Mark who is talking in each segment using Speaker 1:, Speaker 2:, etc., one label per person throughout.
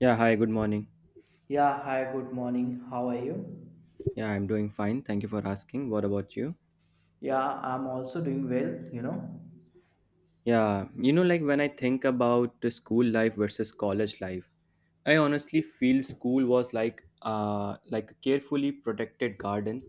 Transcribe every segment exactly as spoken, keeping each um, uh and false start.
Speaker 1: Yeah, hi, good morning.
Speaker 2: Yeah, hi, good morning. How are you?
Speaker 1: Yeah, I'm doing fine. Thank you for asking. What about you?
Speaker 2: Yeah, I'm also doing well, you know.
Speaker 1: Yeah, you know, like when I think about the school life versus college life, I honestly feel school was like uh like a carefully protected garden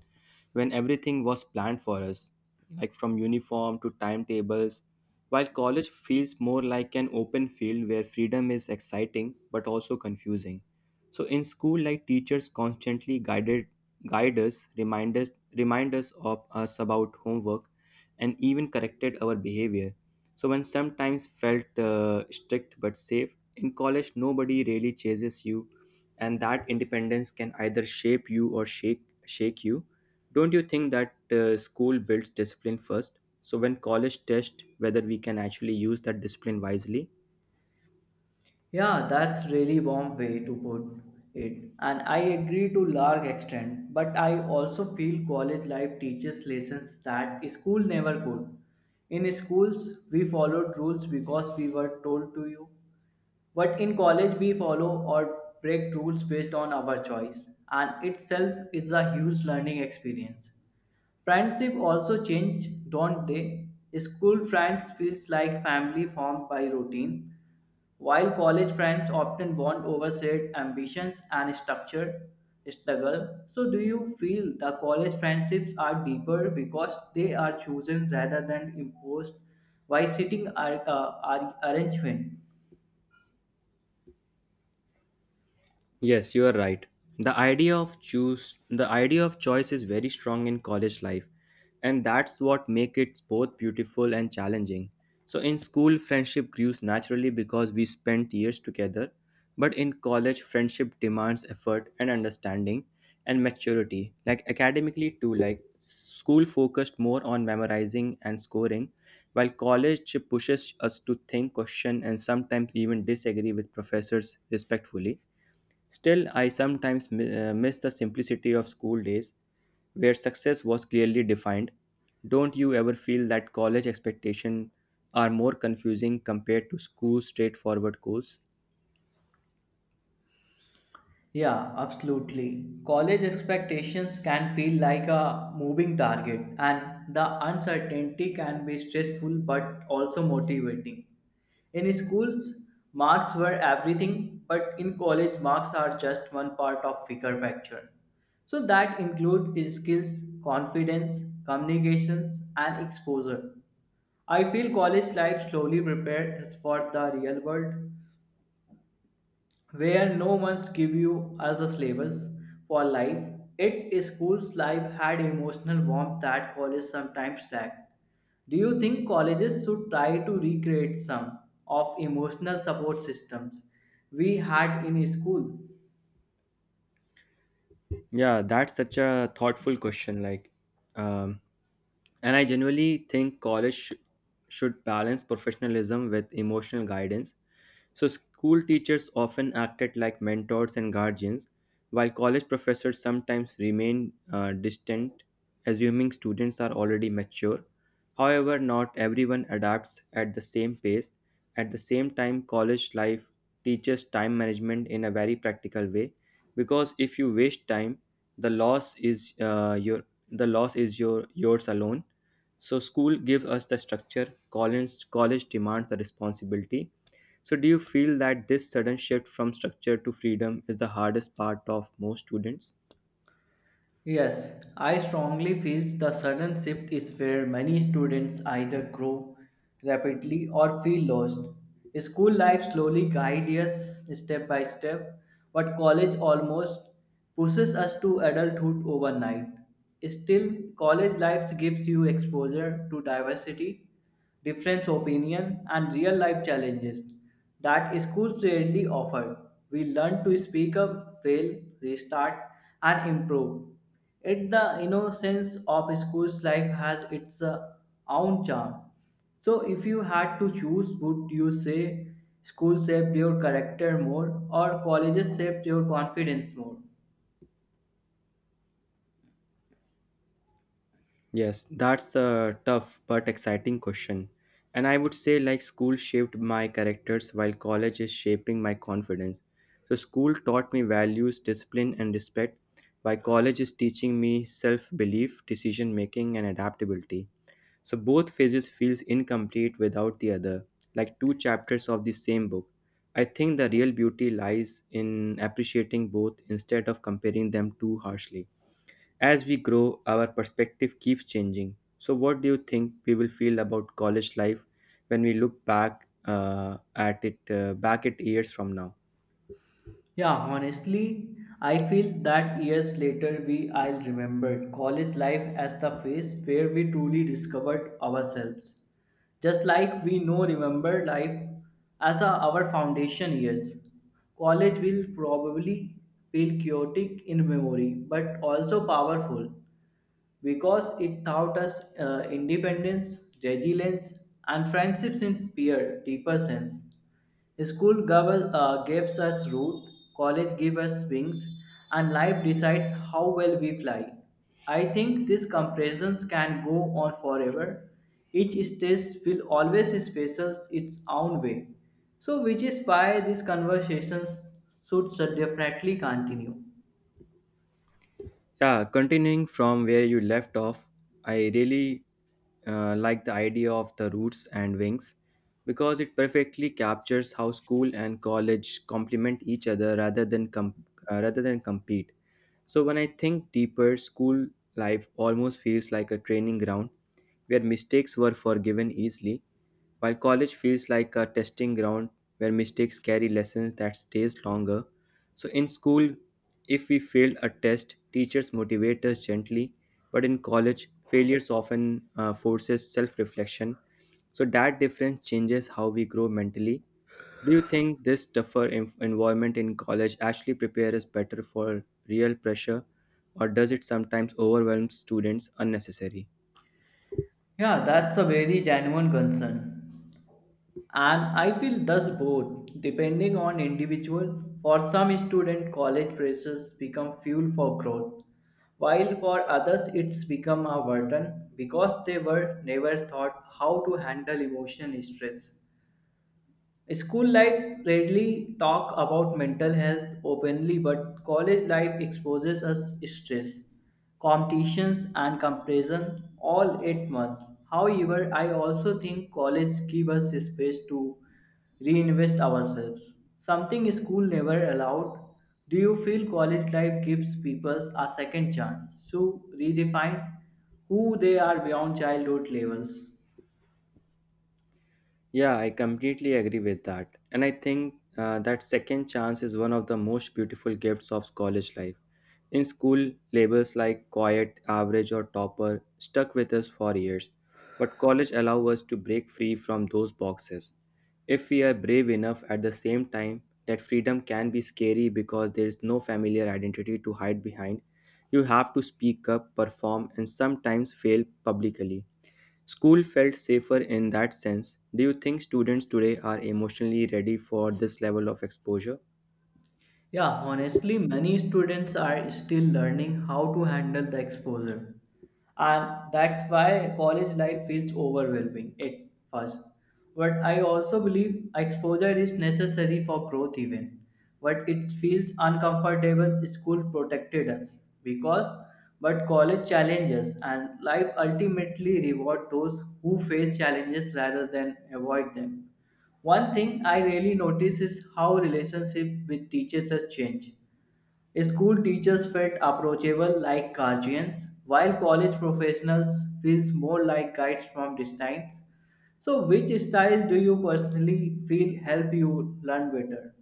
Speaker 1: when everything was planned for us, like from uniform to timetables, while college feels more like an open field where freedom is exciting but also confusing. So in school, like teachers constantly guided guide us, remind us remind us of us about homework, and even corrected our behavior so when sometimes felt uh, strict but safe, in college nobody really chases you, and that independence can either shape you or shake shake you. Don't you think that uh, school builds discipline first? So when college test whether we can actually use that discipline wisely.
Speaker 2: Yeah, that's really warm way to put it. And I agree to large extent, but I also feel college life teaches lessons that school never could. In schools, we followed rules because we were told to you. But in college, we follow or break rules based on our choice, and itself is a huge learning experience. Friendship also change, don't they? School friends feels like family formed by routine, while college friends often bond over shared ambitions and structured struggle. So do you feel the college friendships are deeper because they are chosen rather than imposed by sitting ar- uh, ar- arrangement?
Speaker 1: Yes, you are right. The idea of choose the idea of choice is very strong in college life, and that's what makes it both beautiful and challenging. So in school friendship grows naturally because we spent years together, but in college friendship demands effort and understanding and maturity. Like academically too, like school focused more on memorizing and scoring while college pushes us to think, question, and sometimes even disagree with professors respectfully. Still, I sometimes mi- uh, miss the simplicity of school days where success was clearly defined. Don't you ever feel that college expectations are more confusing compared to school straightforward goals?
Speaker 2: Yeah, absolutely. College expectations can feel like a moving target, and the uncertainty can be stressful but also motivating. In schools, marks were everything, but in college, marks are just one part of bigger picture. So that include skills, confidence, communications, and exposure. I feel college life slowly prepares us for the real world, where no one's give you as a slavers for life. It is school's life had emotional warmth that college sometimes lack. Do you think colleges should try to recreate some of emotional support systems we had in school?
Speaker 1: Yeah, that's such a thoughtful question. Like, um, and I genuinely think college sh- should balance professionalism with emotional guidance. So, school teachers often acted like mentors and guardians, while college professors sometimes remain uh, distant, assuming students are already mature. However, not everyone adapts at the same pace. At the same time, college life teaches time management in a very practical way because if you waste time, the loss is uh, your the loss is your yours alone. So school gives us the structure, college college demands the responsibility, so, do you feel that this sudden shift from structure to freedom is the hardest part of most students?
Speaker 2: Yes, I strongly feel the sudden shift is where many students either grow rapidly or feel lost. School life slowly guides us step by step, but college almost pushes us to adulthood overnight. Still, college life gives you exposure to diversity. Different opinion and real life challenges that schools rarely offer. We learn to speak up, fail, restart and improve. It the innocence of school's life has its uh, own charm. So if you had to choose, would you say school shaped your character more or colleges shaped your confidence more?
Speaker 1: Yes, that's a tough but exciting question. And I would say, like, school shaped my characters while college is shaping my confidence. So, school taught me values, discipline, and respect, while college is teaching me self belief, decision making, and adaptability. So both phases feels incomplete without the other, like two chapters of the same book. I think the real beauty lies in appreciating both instead of comparing them too harshly. As we grow, our perspective keeps changing. So what do you think we will feel about college life when we look back uh, at it uh, back at years from now?
Speaker 2: Yeah, honestly, I feel that years later we I'll remember college life as the phase where we truly discovered ourselves. Just like we know remember life as a- our foundation years. College will probably feel chaotic in memory but also powerful because it taught us uh, independence, resilience, and friendships in peer deeper sense. School gave us, uh, gives us root, college gives us wings, and life decides how well we fly. I think these comparisons can go on forever. Each stage will always express its own way. So, which is why these conversations should definitely continue.
Speaker 1: Yeah, continuing from where you left off, I really uh, like the idea of the roots and wings because it perfectly captures how school and college complement each other rather than com- uh, rather than compete. So when I think deeper, school life almost feels like a training ground where mistakes were forgiven easily, while college feels like a testing ground where mistakes carry lessons that stays longer. So in school, if we failed a test, teachers motivate us gently, but in college, failures often uh, forces self-reflection. So that difference changes how we grow mentally. Do you think this tougher en- environment in college actually prepares us better for real pressure, or does it sometimes overwhelm students unnecessarily?
Speaker 2: Yeah, that's a very genuine concern. And I feel thus both, depending on individual. For some student, college pressures become fuel for growth, while for others it's become a burden because they were never taught how to handle emotional stress. School life rarely talk about mental health openly, but college life exposes us stress, competitions, and comparison all at once. However, I also think college give us space to reinvest ourselves, something school never allowed. Do you feel college life gives people a second chance to redefine who they are beyond childhood levels?
Speaker 1: Yeah, I completely agree with that. And I think uh, that second chance is one of the most beautiful gifts of college life. In school, labels like quiet, average, or topper stuck with us for years, but college allows us to break free from those boxes. If we are brave enough at the same time, that freedom can be scary because there is no familiar identity to hide behind. You have to speak up, perform, and sometimes fail publicly. School felt safer in that sense. Do you think students today are emotionally ready for this level of exposure?
Speaker 2: Yeah, honestly, many students are still learning how to handle the exposure. And that's why college life feels overwhelming at first. But I also believe exposure is necessary for growth, even. But it feels uncomfortable, school protected us because, but college challenges and life ultimately reward those who face challenges rather than avoid them. One thing I really notice is how relationship with teachers has changed. School teachers felt approachable like guardians, while college professionals feels more like guides from distance. So which style do you personally feel help you learn better?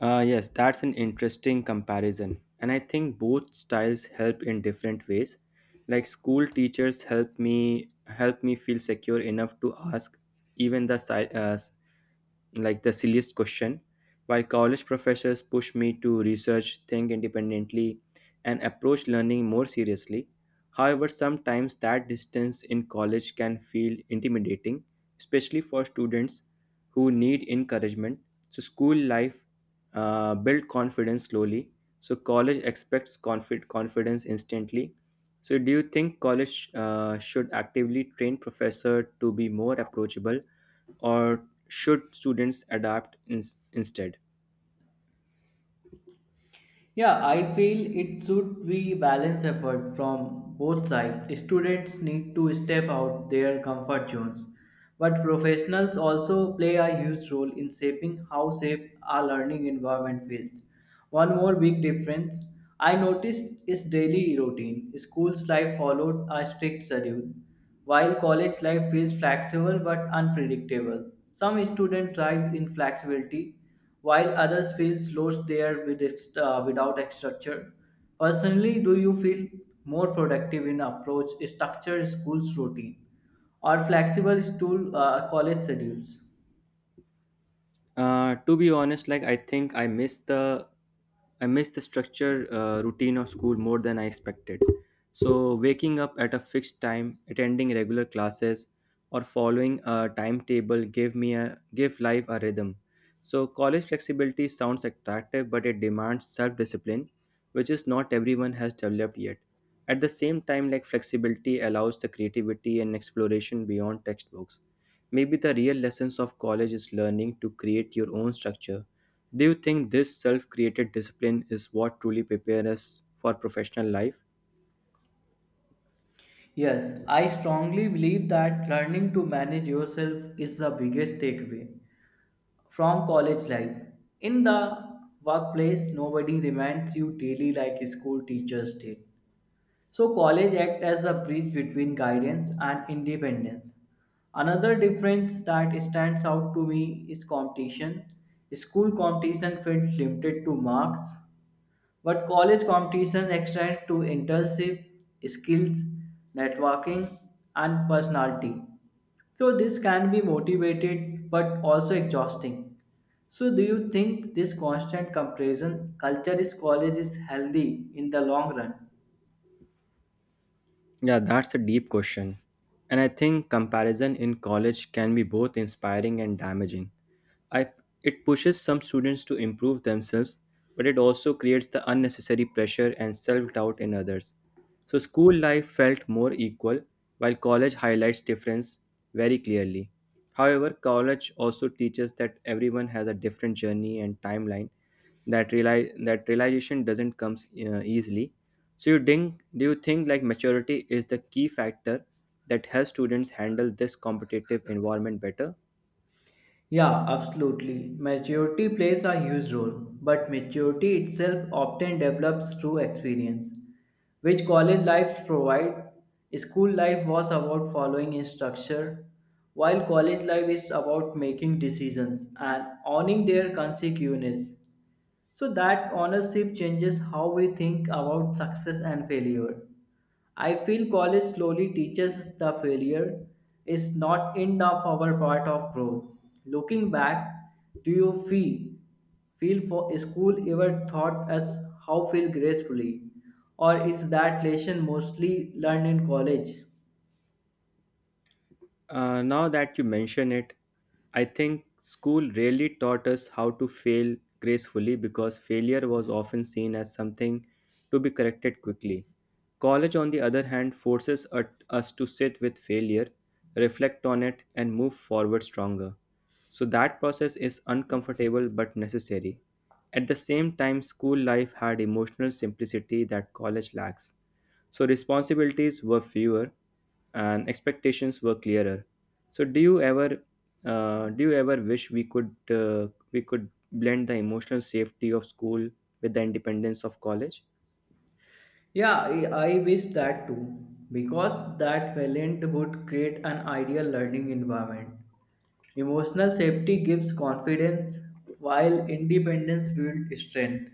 Speaker 1: Uh, yes, that's an interesting comparison. And I think both styles help in different ways. Like school teachers help me help me feel secure enough to ask even the si- uh, like the silliest question, while college professors push me to research, think independently, and approach learning more seriously. However, sometimes that distance in college can feel intimidating, especially for students who need encouragement. So, school life uh, build confidence slowly. So, college expects confi- confidence instantly. So, do you think college uh, should actively train professor to be more approachable, or should students adapt in- instead?
Speaker 2: Yeah, I feel it should be balanced effort from both sides. Students need to step out their comfort zones, but professionals also play a huge role in shaping how safe our learning environment feels. One more big difference I noticed is daily routine. School's life followed a strict schedule, while college life feels flexible but unpredictable, some students thrive in flexibility, while others feel lost there with ex- uh, without a structure. Personally, do you feel more productive in approach structured school's routine or flexible school uh, college schedules?
Speaker 1: Uh, to be honest, like I think I miss the I miss the structure uh, routine of school more than I expected. So, waking up at a fixed time, attending regular classes, or following a timetable gave me a give life a rhythm. So, college flexibility sounds attractive, but it demands self-discipline, which is not everyone has developed yet. At the same time, like flexibility allows the creativity and exploration beyond textbooks. Maybe the real lessons of college is learning to create your own structure. Do you think this self created discipline is what truly prepares us for professional life?
Speaker 2: Yes, I strongly believe that learning to manage yourself is the biggest takeaway from college life. In the workplace, nobody reminds you daily like school teachers did. So college act as a bridge between guidance and independence. Another difference that stands out to me is competition. School competition felt limited to marks, but college competition extends to internship, skills, networking, and personality. So this can be motivated but also exhausting. So do you think this constant comparison culture is college is healthy in the long run?
Speaker 1: Yeah, that's a deep question. And I think comparison in college can be both inspiring and damaging. I, it pushes some students to improve themselves, but it also creates the unnecessary pressure and self doubt in others. So, school life felt more equal, while college highlights difference very clearly. However, college also teaches that everyone has a different journey and timeline. That reali- that realization doesn't come uh, easily. So, you think, do you think like maturity is the key factor that helps students handle this competitive environment better?
Speaker 2: Yeah, absolutely. Maturity plays a huge role, but maturity itself often develops through experience, which college life provide. School life was about following a structure, while college life is about making decisions and owning their consequences. So that ownership changes how we think about success and failure. I feel college slowly teaches us the failure is not end of our part of growth. Looking back, do you feel feel for school ever taught us how feel gracefully, or is that lesson mostly learned in college?
Speaker 1: Uh, now that you mention it, I think school really taught us how to fail gracefully because failure was often seen as something to be corrected quickly. College, on the other hand, forces ut- us to sit with failure, reflect on it, and move forward stronger. So that process is uncomfortable but necessary. At the same time, school life had emotional simplicity that college lacks. So responsibilities were fewer and expectations were clearer. So do you ever uh, do you ever wish we could uh, we could blend the emotional safety of school with the independence of college?
Speaker 2: Yeah, I, I wish that too, because that talent would create an ideal learning environment. Emotional safety gives confidence, while independence builds strength.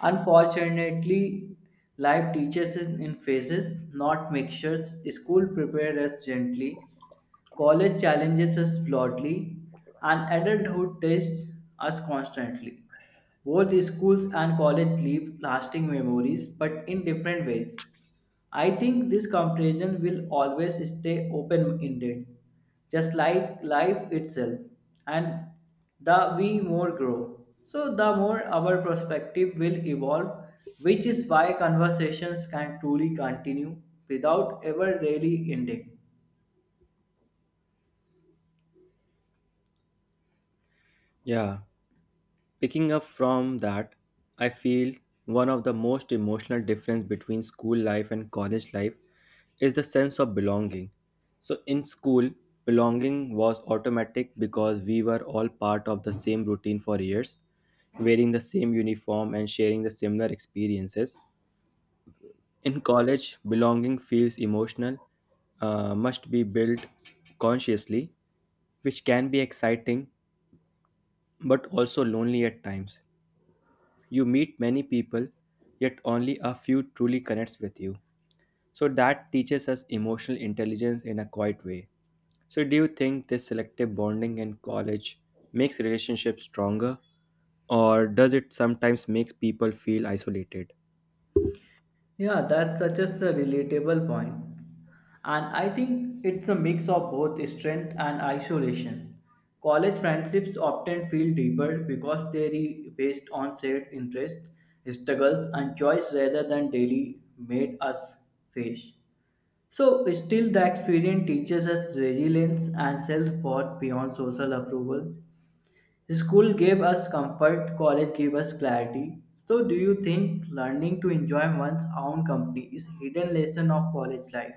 Speaker 2: Unfortunately, life teaches us in phases, not mixtures. School prepares us gently, college challenges us broadly, and adulthood tests us constantly. Both schools and college leave lasting memories, but in different ways. I think this comparison will always stay open ended, just like life itself. And the we more grow, so the more our perspective will evolve, which is why conversations can truly continue without ever really ending.
Speaker 1: Yeah, picking up from that, I feel one of the most emotional difference between school life and college life is the sense of belonging. So in school, belonging was automatic because we were all part of the same routine for years, wearing the same uniform and sharing the similar experiences. In college, belonging feels emotional, uh, must be built consciously, which can be exciting but also lonely at times. You meet many people, yet only a few truly connects with you. So that teaches us emotional intelligence in a quiet way. So do you think this selective bonding in college makes relationships stronger, or does it sometimes make people feel isolated?
Speaker 2: Yeah, that's such a relatable point. And I think it's a mix of both strength and isolation. College friendships often feel deeper because they are based on shared interests, struggles, and choice rather than daily made us face. So, still, the experience teaches us resilience and self worth beyond social approval. School gave us comfort, college gave us clarity. So, do you think learning to enjoy one's own company is hidden lesson of college life?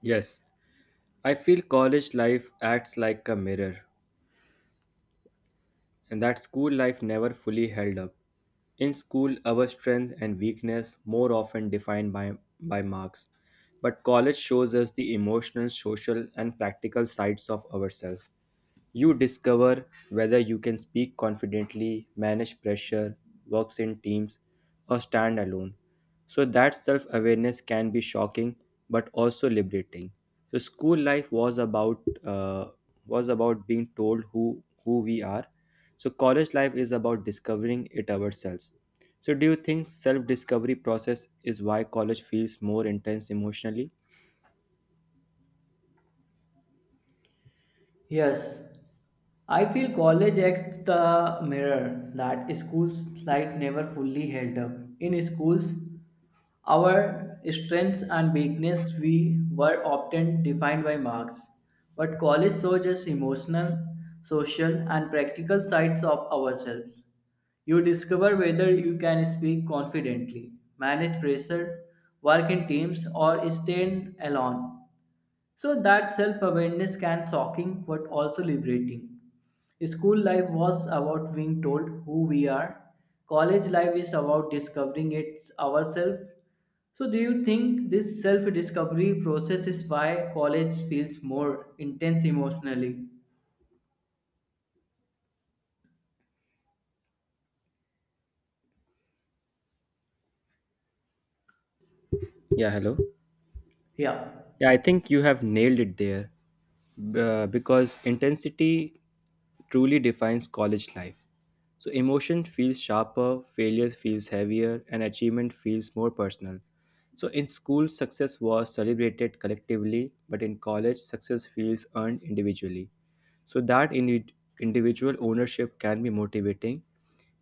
Speaker 1: Yes, I feel college life acts like a mirror, and that school life never fully held up. In school, our strength and weakness more often defined by, by marks, but college shows us the emotional, social, and practical sides of ourselves. You discover whether you can speak confidently, manage pressure, works in teams, or stand alone. So that self awareness can be shocking but also liberating. So school life was about uh, was about being told who who we are. So college life is about discovering it ourselves. So do you think self discovery process is why college feels more intense emotionally?
Speaker 2: Yes, I feel college acts the mirror that school's life never fully held up. In schools, our strengths and weakness we were often defined by marks, but college shows us emotional, social, and practical sides of ourselves. You discover whether you can speak confidently, manage pressure, work in teams, or stand alone. So that self-awareness can shocking but also liberating. School life was about being told who we are. College life is about discovering it ourselves. So do you think this self-discovery process is why college feels more intense emotionally?
Speaker 1: Yeah, hello.
Speaker 2: Yeah.
Speaker 1: Yeah, I think you have nailed it there, b- uh, because intensity truly defines college life. So emotion feels sharper, failure feels heavier, and achievement feels more personal. So in school, success was celebrated collectively, but in college, success feels earned individually. So that indi- individual ownership can be motivating,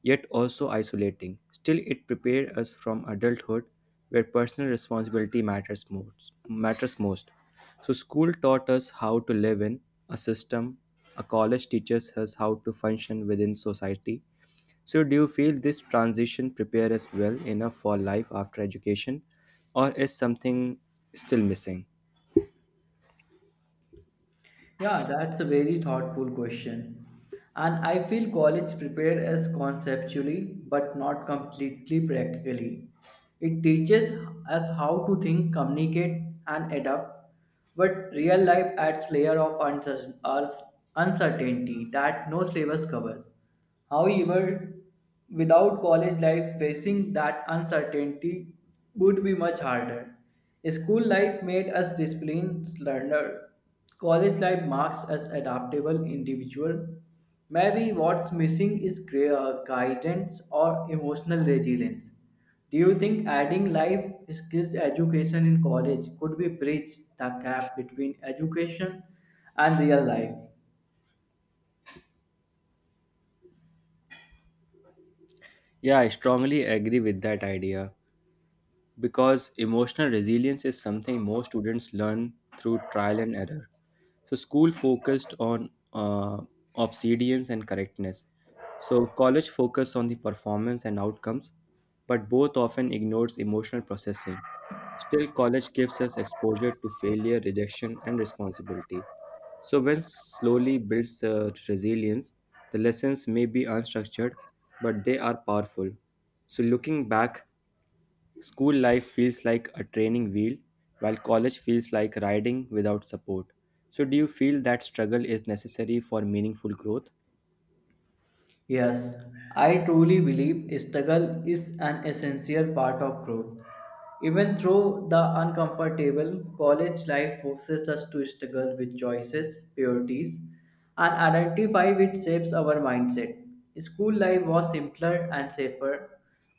Speaker 1: yet also isolating. Still, it prepared us from adulthood where personal responsibility matters most. Matters most. So, school taught us how to live in a system, a college teaches us how to function within society. So, do you feel this transition prepare us well enough for life after education, or is something still missing?
Speaker 2: Yeah, that's a very thoughtful question. And I feel college prepared us conceptually but not completely practically. It teaches us how to think, communicate, and adapt. But real life adds layer of uncer- us- uncertainty that no syllabus covers. However, without college life, facing that uncertainty would be much harder. School life made us disciplined learner. College life marks us adaptable individual. Maybe what's missing is gra- uh, guidance or emotional resilience. Do you think adding life skills education in college could be bridge the gap between education and real life?
Speaker 1: Yeah, I strongly agree with that idea because emotional resilience is something most students learn through trial and error. So school focused on uh, obedience and correctness. So college focused on the performance and outcomes, but both often ignores emotional processing. Still, college gives us exposure to failure, rejection, and responsibility. So when slowly builds uh, resilience, the lessons may be unstructured, but they are powerful. So looking back, school life feels like a training wheel, while college feels like riding without support. So, do you feel that struggle is necessary for meaningful growth?
Speaker 2: Yes, I truly believe struggle is an essential part of growth. Even though the uncomfortable, college life forces us to struggle with choices, priorities, and identify which shapes our mindset. School life was simpler and safer,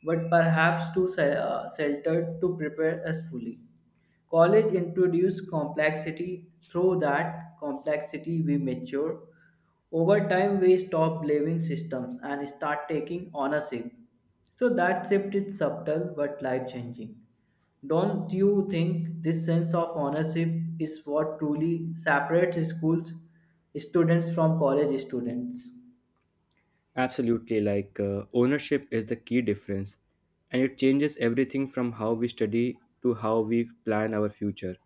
Speaker 2: but perhaps too se- uh, sheltered to prepare us fully. College introduces complexity. Through that complexity, we mature. Over time, we stop blaming systems and start taking ownership. So that shift is subtle but life changing. Don't you think this sense of ownership is what truly separates schools students from college students?
Speaker 1: Absolutely, like uh, ownership is the key difference, and it changes everything from how we study to how we plan our future.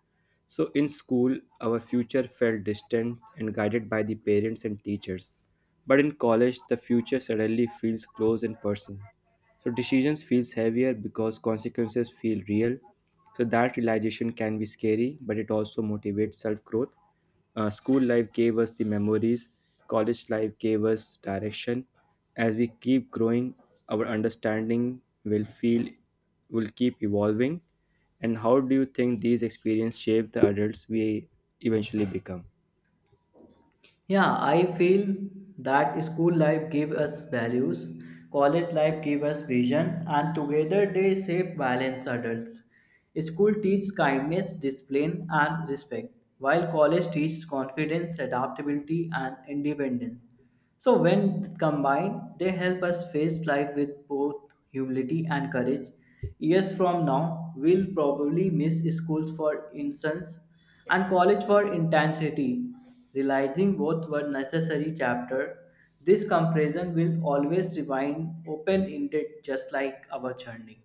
Speaker 1: So, in school, our future felt distant and guided by the parents and teachers. But in college, the future suddenly feels close and personal. So, decisions feels heavier because consequences feel real. So, that realization can be scary, but it also motivates self growth. Uh, school life gave us the memories, college life gave us direction. As we keep growing, our understanding will feel will keep evolving. And how do you think these experiences shape the adults we eventually become?
Speaker 2: Yeah, I feel that school life gave us values, college life gave us vision, and together they shape balanced adults. School teaches kindness, discipline, and respect, while college teaches confidence, adaptability, and independence. So, when combined, they help us face life with both humility and courage. Years from now, we'll probably miss schools for instance and college for intensity. Realizing both were necessary chapter, this comparison will always remain open-ended just like our journey.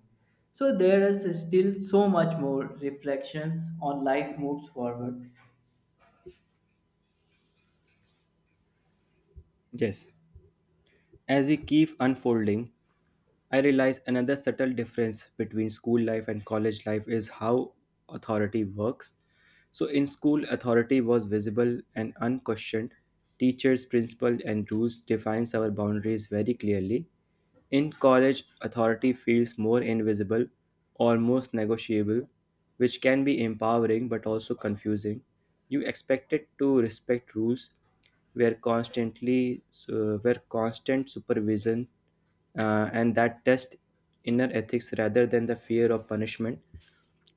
Speaker 2: So there is still so much more reflections on life moves forward.
Speaker 1: Yes. As we keep unfolding, I realize another subtle difference between school life and college life is how authority works. So in school, authority was visible and unquestioned. Teachers, principal, and rules defines our boundaries very clearly. In college, authority feels more invisible, almost negotiable, which can be empowering but also confusing. You expected to respect rules, where constantly uh, were constant supervision uh, and that test inner ethics rather than the fear of punishment,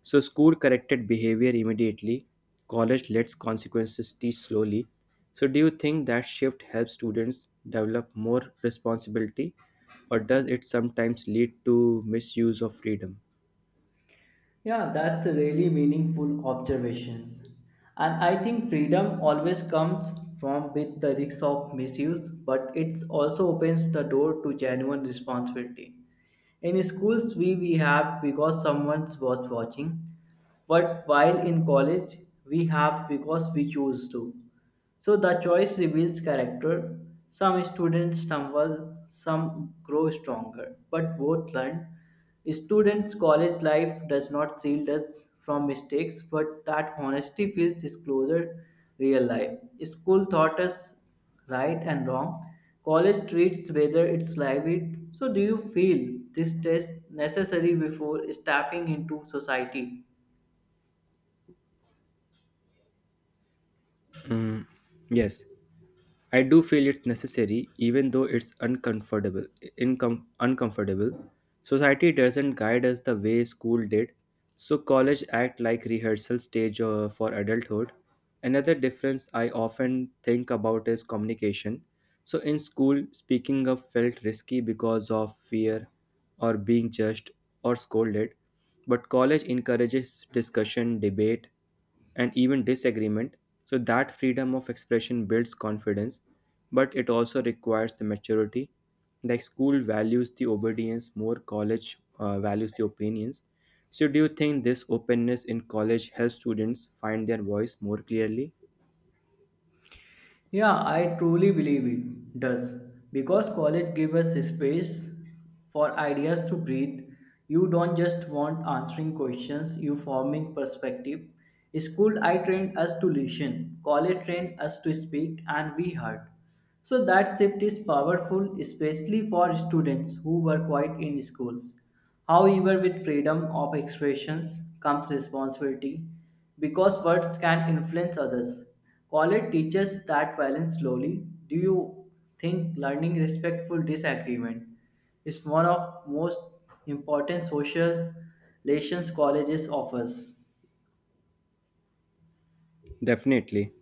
Speaker 1: so school corrected behavior immediately, college lets consequences teach slowly. So do you think that shift helps students develop more responsibility, or does it sometimes lead to misuse of freedom?
Speaker 2: Yeah, that's a really meaningful observations. And I think freedom always comes from with the risks of misuse, but it also opens the door to genuine responsibility. In schools, we, we have because someone was watching, but while in college we have because we choose to. So the choice reveals character. Some students stumble, some grow stronger, but both learn. Students' college life does not shield us from mistakes, but that honesty feels is closer real life. School taught us right and wrong. College treats whether it's livid. So do you feel this test necessary before stepping into society?
Speaker 1: Mm, yes. I do feel it's necessary, even though it's uncomfortable. Incom- uncomfortable. Society doesn't guide us the way school did, so college act like rehearsal stage uh, for adulthood. Another difference I often think about is communication. So in school, speaking up felt risky because of fear or being judged or scolded, but college encourages discussion, debate, and even disagreement. So that freedom of expression builds confidence, but it also requires the maturity. Like school values the obedience more, college uh, values the opinions. So, do you think this openness in college helps students find their voice more clearly?
Speaker 2: Yeah, I truly believe it does. Because college gives us space for ideas to breathe. You don't just want answering questions, you forming perspective. School I trained us to listen, college trained us to speak and we heard. So that shift is powerful, especially for students who were quiet in schools. However, with freedom of expressions comes responsibility because words can influence others. College teaches that balance slowly. Do you think learning respectful disagreement is one of most important social relations colleges offers?
Speaker 1: Definitely.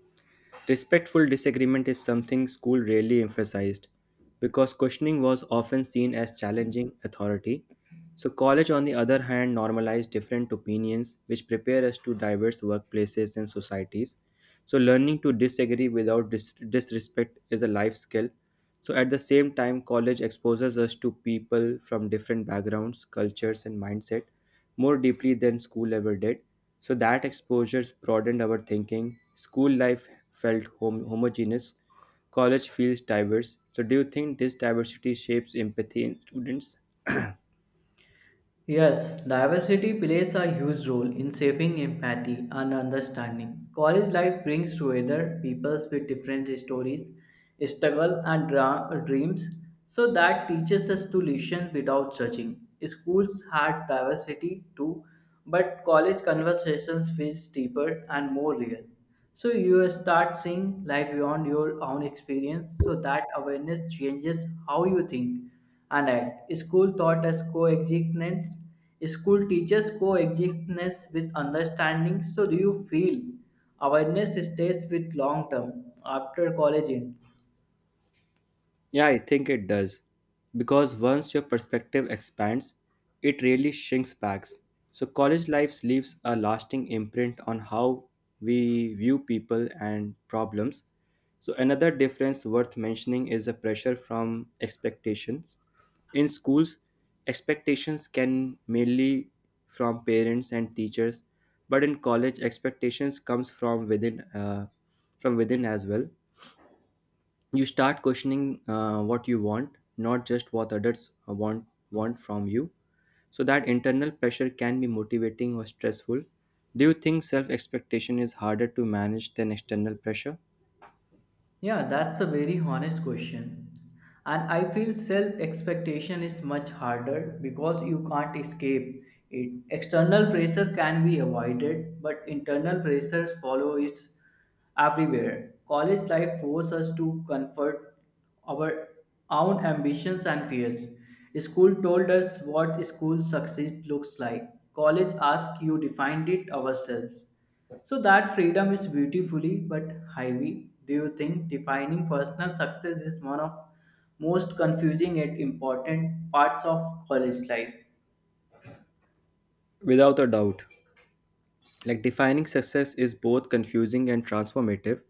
Speaker 1: Respectful disagreement is something school rarely emphasized because questioning was often seen as challenging authority. So, college, on the other hand, normalized different opinions which prepare us to diverse workplaces and societies. So, learning to disagree without dis- disrespect is a life skill. So, at the same time, college exposes us to people from different backgrounds, cultures, and mindset more deeply than school ever did. So that exposures broadened our thinking. School life felt hom- homogeneous, college feels diverse. So, do you think this diversity shapes empathy in students?
Speaker 2: Yes, diversity plays a huge role in shaping empathy and understanding. College life brings together peoples with different stories, struggle, and dra- dreams, so that teaches us to listen without judging. Schools had diversity too, but college conversations feels deeper and more real. So you start seeing life beyond your own experience, so that awareness changes how you think and act. School taught us coexistence. School teaches coexistence with understanding. So, do you feel awareness stays with long term after college ends?
Speaker 1: Yeah, I think it does. Because once your perspective expands, it really shrinks back. So, college life leaves a lasting imprint on how we view people and problems. So, another difference worth mentioning is the pressure from expectations. In schools, expectations can mainly from parents and teachers, but in college, expectations comes from within, uh, from within as well. You start questioning uh, what you want, not just what others uh, want want from you. So that internal pressure can be motivating or stressful. Do you think self expectation is harder to manage than external pressure?
Speaker 2: Yeah, that's a very honest question. And I feel self expectation is much harder because you can't escape it. External pressure can be avoided, but internal pressures follow its everywhere. College life forces us to comfort our own ambitions and fears. School told us what school success looks like. College asked you defined it ourselves. So that freedom is beautifully but heavy. Do you think defining personal success is one of most confusing and important parts of college life?
Speaker 1: Without a doubt. Like defining success is both confusing and transformative.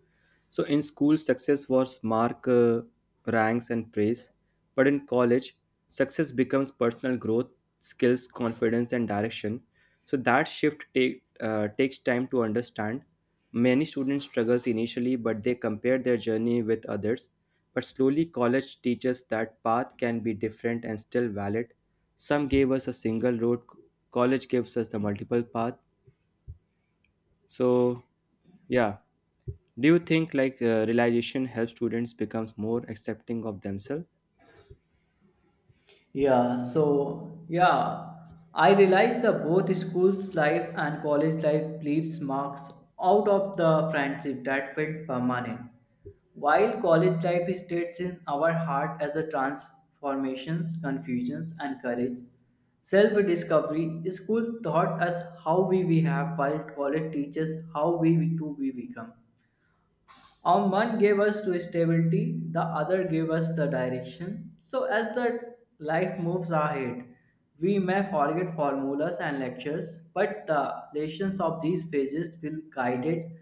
Speaker 1: So in school, success was mark, uh, ranks, and praise. But in college, success becomes personal growth, skills, confidence, and direction. So that shift take, uh, takes time to understand. Many students struggles initially, but they compare their journey with others. But slowly, college teaches that path can be different and still valid. Some gave us a single road. College gives us the multiple path. So, yeah, do you think like uh, realization helps students becomes more accepting of themselves?
Speaker 2: Yeah, so yeah, I realize that both school's life and college life leaves marks out of the friendship that felt permanent. While college life stays in our heart as a transformations, confusions, and courage, self-discovery, school taught us how we, we have, while college teaches how we to we become. Um, one gave us to stability, the other gave us the direction. So as the life moves ahead, we may forget formulas and lectures, but the lessons of these phases will guide it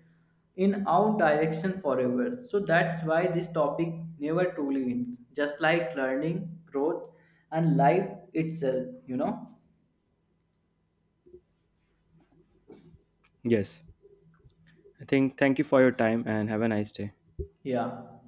Speaker 2: in our direction forever. So that's why this topic never truly ends, just like learning, growth, and life itself, you know?
Speaker 1: Yes. I think thank you for your time and have a nice day.
Speaker 2: Yeah.